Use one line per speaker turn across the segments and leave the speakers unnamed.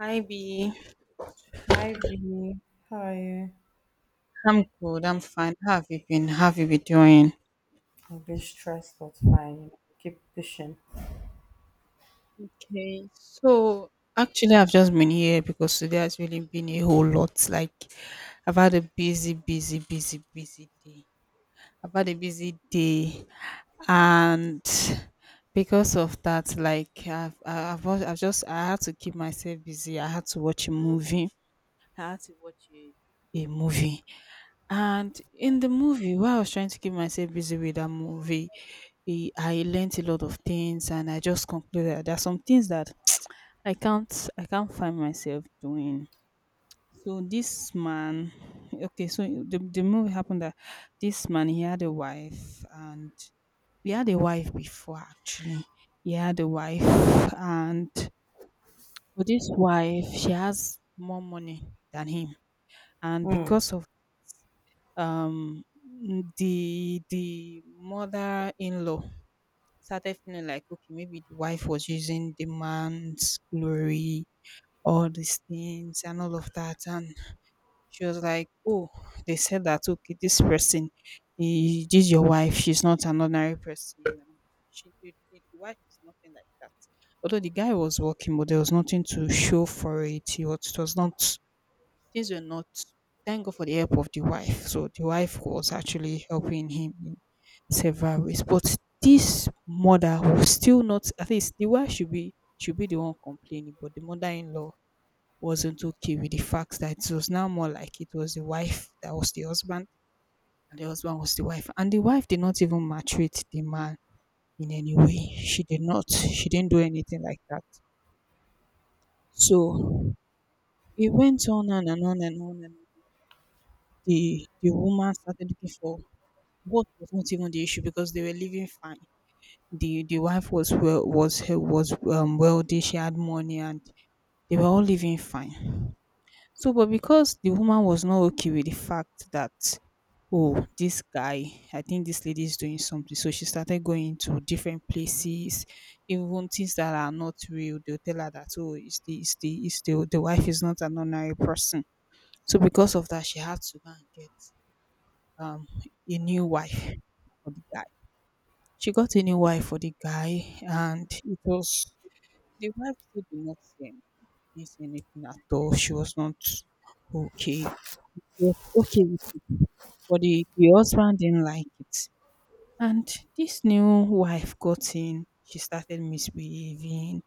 Hi B.
Hi V, how are you?
I'm good. I'm fine. How have you been? How have you been doing?
I've been stressed, but fine. Keep pushing.
Okay. So actually I've just been here because today has really been a whole lot. Like I've had a busy, busy, busy, busy day. I've had a busy day, and because of that, like I've I- I've, al- I've just I had to keep myself busy. I had to watch a movie. I had to watch a movie. And in the movie, while I was trying to keep myself busy with that movie, I learnt a lot of things, and I just concluded that there are some things that I can't find myself doing. So this man, okay, so the movie happened that this man, he had a wife, and he had a wife before actually. He had a wife, and with this wife, she has more money than him, and
Mm.
because of the mother-in-law started feeling like okay, maybe the wife was using the man's glory, all these things and all of that. And she was like, oh, they said that okay, this person, this is your wife, she's not an ordinary person. And she the wife is nothing like that. Although the guy was working, but there was nothing to show for it. It was not. Things were not. Thank God for the help of the wife. So the wife was actually helping him in several ways. But this mother was still not, at least the wife should be, should be the one complaining, but the mother-in-law wasn't okay with the fact that it was now more like it was the wife that was the husband and the husband was the wife. And the wife did not even maltreat the man in any way. She did not. She didn't do anything like that. So it went on and on and on, and the woman started looking for. What was not even the issue, because they were living fine. The wife was well, was wealthy, she had money, and they were all living fine. So but because the woman was not okay with the fact that, oh, this guy, I think this lady is doing something, so she started going to different places. Even things that are not real, they'll tell her that, oh, the wife is not an ordinary person. So because of that, she had to go and get um a new wife for the guy. She got a new wife for the guy, and it was, the wife still did not say anything, didn't say anything at all. She was not okay. She was okay with it, but the husband didn't like it. And this new wife got in. She started misbehaving.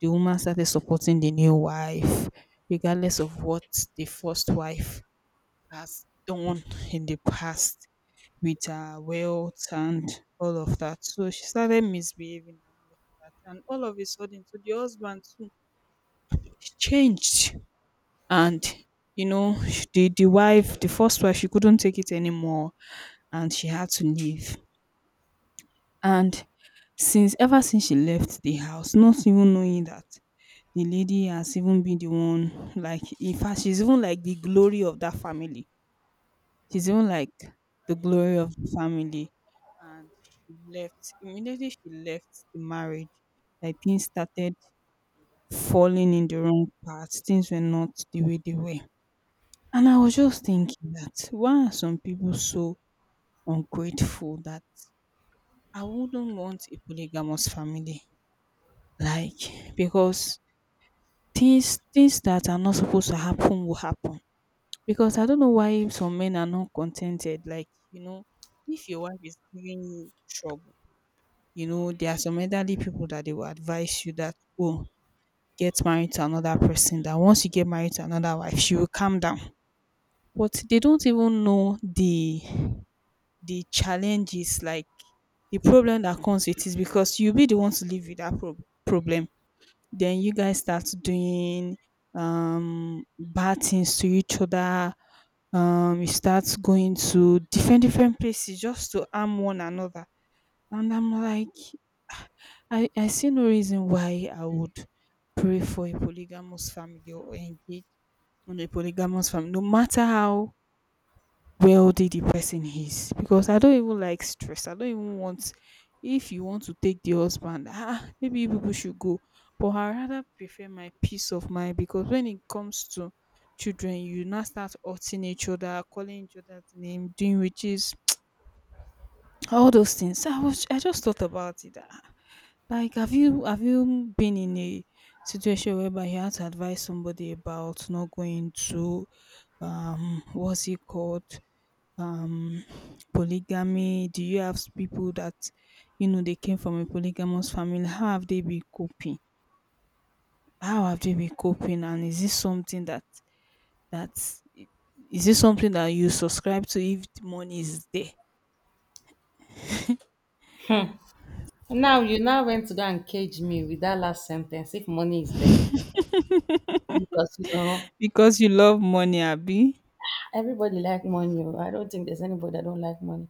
The woman started supporting the new wife, regardless of what the first wife has done in the past with her wealth and all of that. So she started misbehaving and all of that. And all of a sudden, so the husband too changed. And you know, the wife, the first wife, she couldn't take it anymore, and she had to leave. And since, ever since she left the house, not even knowing that the lady has even been the one, like in fact, she's even like the glory of that family. She's even like the glory of the family. And she left. Immediately she left the marriage, like things started falling in the wrong path. Things were not the way they were. And I was just thinking that why are some people so ungrateful that I wouldn't want a polygamous family? Like because things, things that are not supposed to happen will happen. Because I don't know why some men are not contented. Like, if your wife is giving you trouble, you know, there are some elderly people that they will advise you that, oh, get married to another person, that once you get married to another wife, she will calm down. But they don't even know the challenges, like the problem that comes with it, because you'll be the one to live with that problem. Then you guys start doing bad things to each other. You start going to different different places just to harm one another. And I'm like, I see no reason why I would pray for a polygamous family or engage on a polygamous family, no matter how wealthy the person is. Because I don't even like stress. I don't even want, if you want to take the husband, ah, maybe you people should go. But I rather prefer my peace of mind, because when it comes to children, you now start hurting each other, calling each other's name, doing, which is all those things. So I was, I just thought about it. Ah, like have you been in a situation whereby you had to advise somebody about not going to what's it called? Um Polygamy. Do you have people that you know they came from a polygamous family? How have they been coping? How have they been coping? And is this something that, that, is this something that you subscribe to if the money is there?
Now you now went to go and cage me with that last sentence. If money is there, because you know
Because you love money, Abby.
everybody like money. Oh. I don't think there's anybody that don't like money.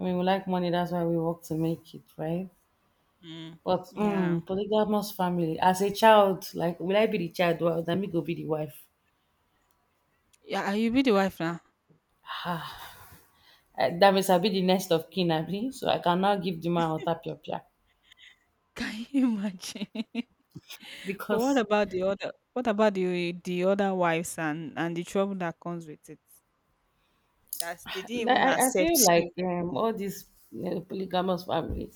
I mean, we like money. That's why we work to make it, right?
Mm,
But
yeah.
mm, polygamous family. As a child, like will I be the child? Well, then me go be the wife.
Yeah, I- you be the wife now.
That means I'll be the next of kin, abi. So I cannot give the man otapia
Can you imagine? But what
because
about the other, what about the other wives and the trouble that comes with it? That they didn't
Like,
even
I, I
accept
feel like
you.
all these polygamous family,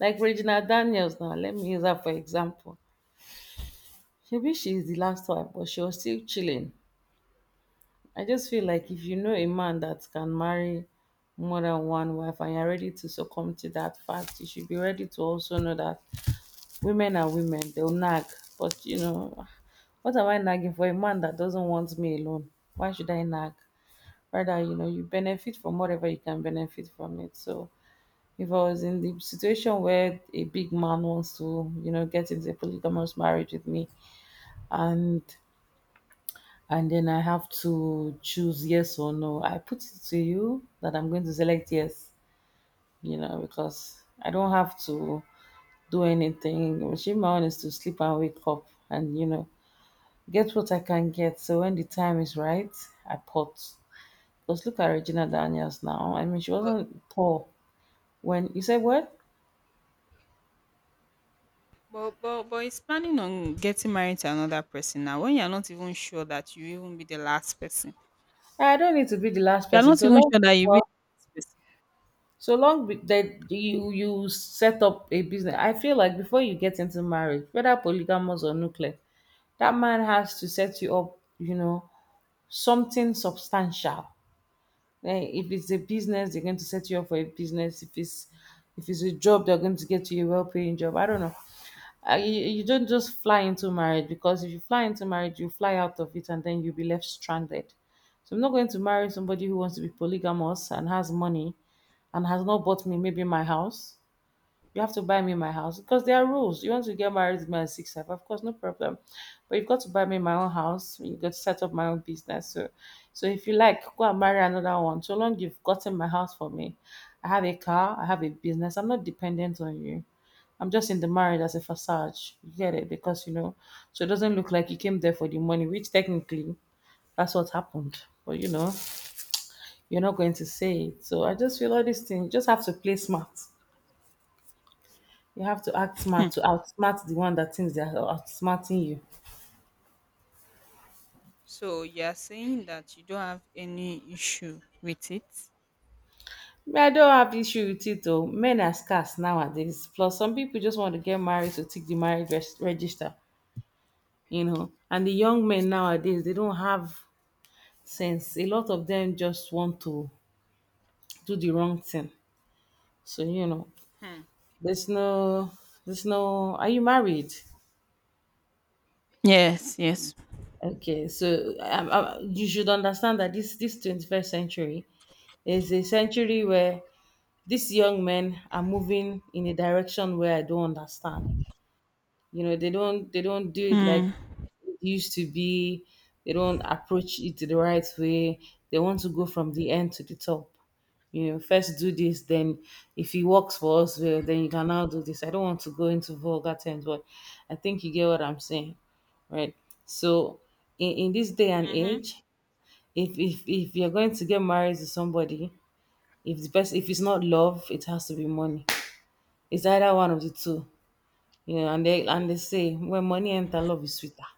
like Regina Daniels now, let me use her for example. Maybe she's the last wife, but she was still chilling. I just feel like if you know a man that can marry more than one wife and you're ready to succumb to that fact, you should be ready to also know that women are women, they'll nag. But you know, what am I nagging for a man that doesn't want me alone? Why should I nag? Rather, you know, you benefit from whatever you can benefit from it. So if I was in the situation where a big man wants to, you know, get into a polygamous marriage with me and then I have to choose yes or no, I put it to you that I'm going to select yes, you know, because I don't have to do anything. Achieve my own is to sleep and wake up and, you know, get what I can get. So when the time is right, I pot. Because look at Regina Daniels now. I mean, she
But
wasn't poor when you said what?
but it's planning on getting married to another person now, when you're not even sure that you even be the last person.
I don't need to be the last
You're
person.
not
So
even
long
sure that you be
before,
the last person.
so long be, that you set up a business, I feel like before you get into marriage, whether polygamous or nuclear, that man has to set you up. You know, something substantial. Eh, if it's a business, they're going to set you up for a business. If it's a job, they're going to get you a well-paying job. I don't know, you don't just fly into marriage, because if you fly into marriage, you fly out of it and then you'll be left stranded. So I'm not going to marry somebody who wants to be polygamous and has money and has not bought me maybe my house. You have to buy me my house because there are rules. You want to get married with me at 65, of course, no problem. But you've got to buy me my own house. You've got to set up my own business. So if you like, go and marry another one. So long you've gotten my house for me. I have a car. I have a business. I'm not dependent on you. I'm just in the marriage as a facade. You get it? Because, you know, so it doesn't look like you came there for the money, which technically that's what happened. But, you know, you're not going to say it. So I just feel all these things, you just have to play smart. You have to act smart to outsmart the one that thinks they are outsmarting you.
So you're saying that you don't have any issue with it?
Me, I don't have issue with it though. Men are scarce nowadays. Plus, some people just want to get married to tick the marriage register, you know. And the young men nowadays, they don't have sense. A lot of them just want to do the wrong thing. So you know,
Hmm.
there's no, there's no. Are you married?
Yes, yes.
Okay, so you should understand that this 21st century is a century where these young men are moving in a direction where I don't understand. You know, they don't do it like
Mm.
it used to be. They don't approach it the right way. They want to go from the end to the top. You know, first do this, then if it works for us, well, then you can now do this. I don't want to go into vulgar terms, but I think you get what I'm saying, right? So, in this day and
Mhm.
age, if if you're going to get married to somebody, if the person, if it's not love, it has to be money. It's either one of the two, you know. And they say when money enter, love is sweeter,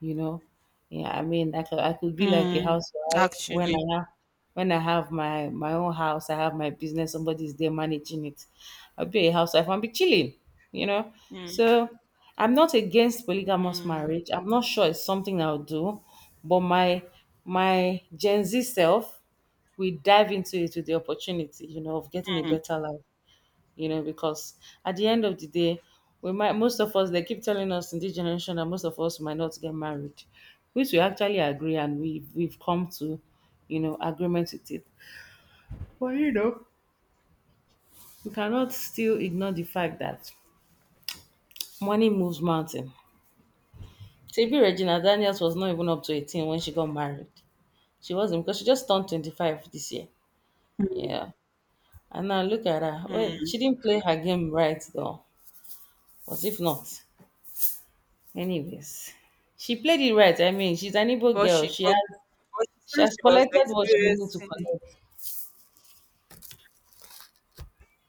you know. Yeah, I mean, I could be like a
Mm.
housewife when
Actually.
I have, when I have my own house, I have my business, somebody's there managing it. I'll be a housewife and be chilling, you know.
Mm.
So I'm not against polygamous
Mm.
marriage. I'm not sure it's something I'll do, but my Gen Z self, we dive into it with the opportunity, you know, of getting a
Mm,
better life, you know, because at the end of the day, we might, most of us, they keep telling us in this generation that most of us might not get married, which we actually agree and we've come to, you know, agreement with it. But you know, we cannot still ignore the fact that money moves mountain. TB Regina Daniels was not even up to 18 when she got married. She wasn't because she just turned 25 this year. Yeah. And now look at her. Well,
mm.
she didn't play her game right though. But if not, anyways, she played it right. I mean, she's an Igbo
But
girl.
she but, but she
She
said
has
she was
collected what she needed to
experiencing,
collect.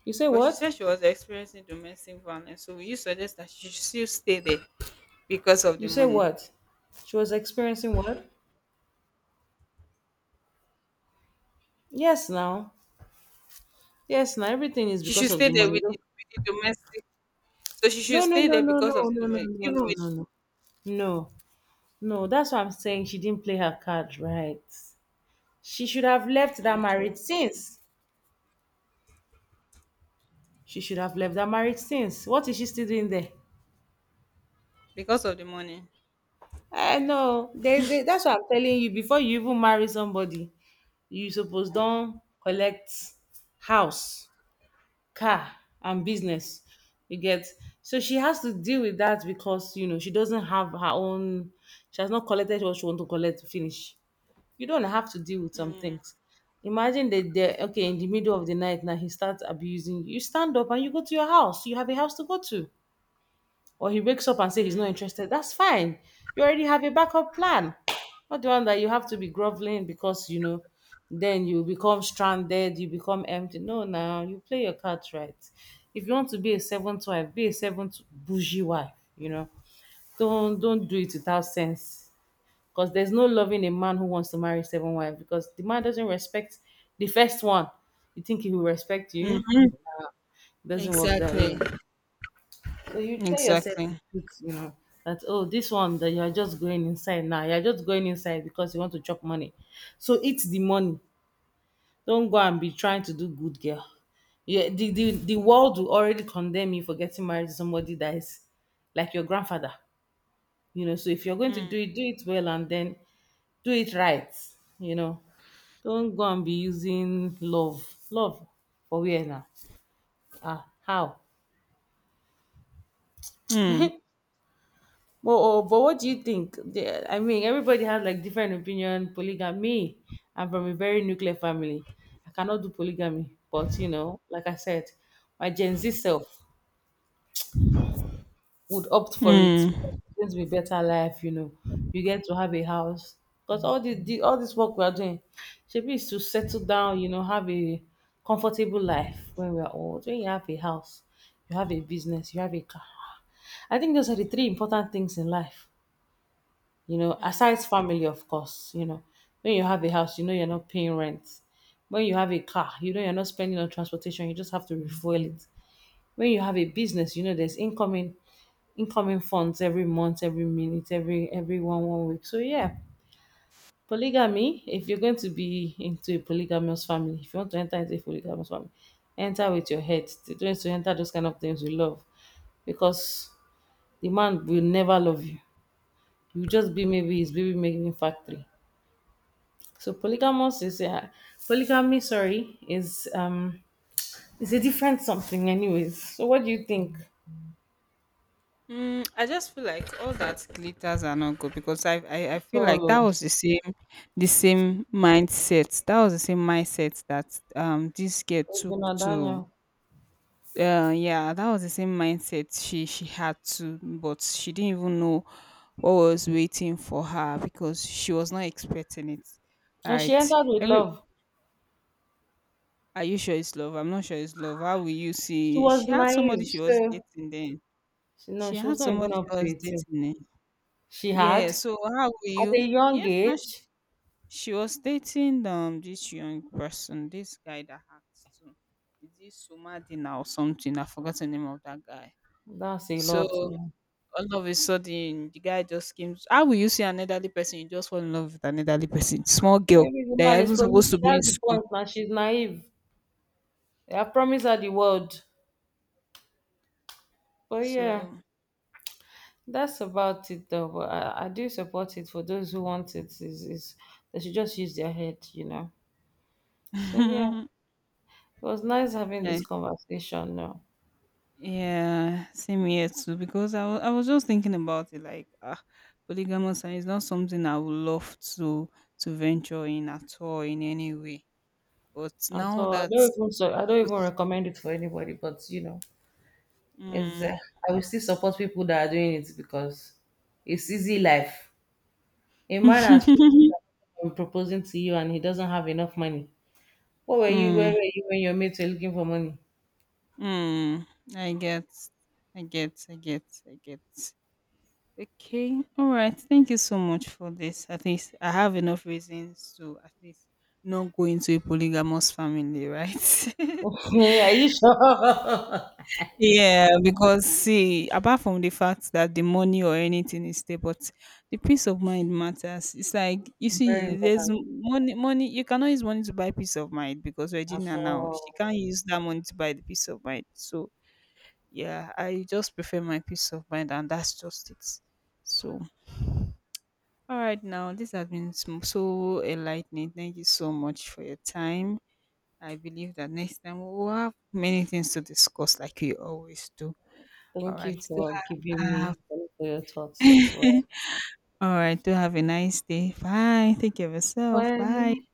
You say
but she said
what?
she was experiencing domestic violence. So will you suggest that she should still stay there because of
You
the
say
money?
what? She was experiencing what? Yes, now. Yes, now. Everything is
She
because
should
of
stay
the
there
money.
with
No,
with the domestic. So she
no,
should
no,
stay
no,
there
no, no,
because of the
no, no,
domestic,
no, no,
even with,
no. No, no. No, that's what I'm saying. She didn't play her cards right. She should have left that
okay,
marriage since. She should have left that marriage since. What is she still doing there?
because of the money.
I know. There's a. That's what I'm telling you. Before you even marry somebody, you suppose don collect house, car and business. You get so she has to deal with that because you know she doesn't have her own. She has not collected what she want to collect to finish. You don't have to deal with some things. Imagine that they okay in the middle of the night now he starts abusing you. You stand up and you go to your house. You have a house to go to, or he wakes up and say he's not interested, that's fine. You already have a backup plan. Not the one that you have to be groveling because you know, then you become stranded, you become empty. No, now you play your cards right. If you want to be a seventh wife, be a seventh bougie wife. You know, don't do it without sense. Because there's no loving a man who wants to marry seven wives because the man doesn't respect the first one. You think he will respect you?
Mm.
Doesn't work that
Exactly.
way. So you tell yourself the
Exactly.
truth, you know, that oh, this one that you're just going inside now, you're just going inside because you want to chop money. So eat the money. Don't go and be trying to do good girl. Yeah, the world will already condemn you for getting married to somebody that is like your grandfather. You know, so if you're going to
Mm.
do it well and then do it right. You know, don't go and be using love. Love for where now? Ah, how?
Mm.
But oh, but what do you think? The- I mean, everybody has like different opinion. Polygamy. I'm from a very nuclear family. I cannot do polygamy, but you know, like I said, my Gen Z self would opt for it,
Mm.
because it's going to be better life, you know. You get to have a house because all this all this work we are doing, should be to settle down, you know, have a comfortable life when we are old. When you have a house, you have a business, you have a car. I think those are the three important things in life. You know,
Mm.
aside family, of course, you know, when you have a house, you know you're not paying rent. When you have a car, you know you're not spending on transportation, you just have to refuel it. When you have a business, you know there's incoming funds every month, every minute, every one one week. So yeah. Polygamy, if you're going to be into a polygamous family, if you want to enter into a polygamous family, enter with your head. Don't need to enter those kind of things with love. Because the man will never love you. You will just be maybe his baby making factory. So polygamous is a, polygamy, sorry, is a different something, anyways. So what do you think?
Mm, I just feel like all that glitters are not good, because I feel like that
Solo,
was the same, the same mindset, that was the same mindset that um, this girl took
Regina
to,
Daniel,
uh, yeah, that was the same mindset she had to, but she didn't even know what was waiting for her, because she was not expecting it,
and she
right?
entered with
Every,
love.
are you sure it's love? I'm not sure it's love. How will you
She
see
was
she had somebody
naive,
she was
so
dating then,
she, no,
she
she was
had
not even
somebody
up
she
to
was
18.
dating?
She
Yeah,
had
so how were
at a
you?
young
Yes, now
age.
she was dating, um, this young person, this guy that hacked too. Is this Somadina or something? I forgot the name of that guy.
That's a
So
lot. Man.
all of a sudden the guy just came. How will you see an elderly person? You just fall in love with an elderly person. Small girl.
Maybe the
They are
man is
even supposed
promising.
to be in
That's the
school.
point. Now she's naive. I promised her the world, but yeah.
So
That's about it, though. But I do support it for those who want it. Is they should just use their head, you know. So yeah, it was nice having this
I,
conversation. Now,
yeah, same here too. Because I I was just thinking about it, like, ah, polygamous, and it's not something I would love to venture in at all in any way. But
and
now
so I
that,
don't even so I don't even
because,
recommend it for anybody. But you know, it's
mm,
I will still support people that are doing it because it's easy life. A man has people that proposing to you and he doesn't have enough money. What were you? Where
mm,
were you when your mates were looking for money?
mm, I get, I get, I get, I get. Okay, all right. Thank you so much for this. At least I have enough reasons to at least not go into a polygamous family, right?
Are you sure?
Yeah, because see, apart from the fact that the money or anything is there, but the peace of mind matters. It's like you
Very
see, there's
important
money. Money, you cannot use money to buy peace of mind, because
at
Regina now, she
all.
can't use that money to buy the peace of mind. So yeah, I just prefer my peace of mind, and that's just it. So all right, now this has been so enlightening. Thank you so much for your time. I believe that next time we'll have many things to discuss, like we always do. All
Thank you
right.
for giving
Uh,
me for your thoughts as well.
all right. Do have a nice day. Bye. Take care of yourself. Bye.
Bye.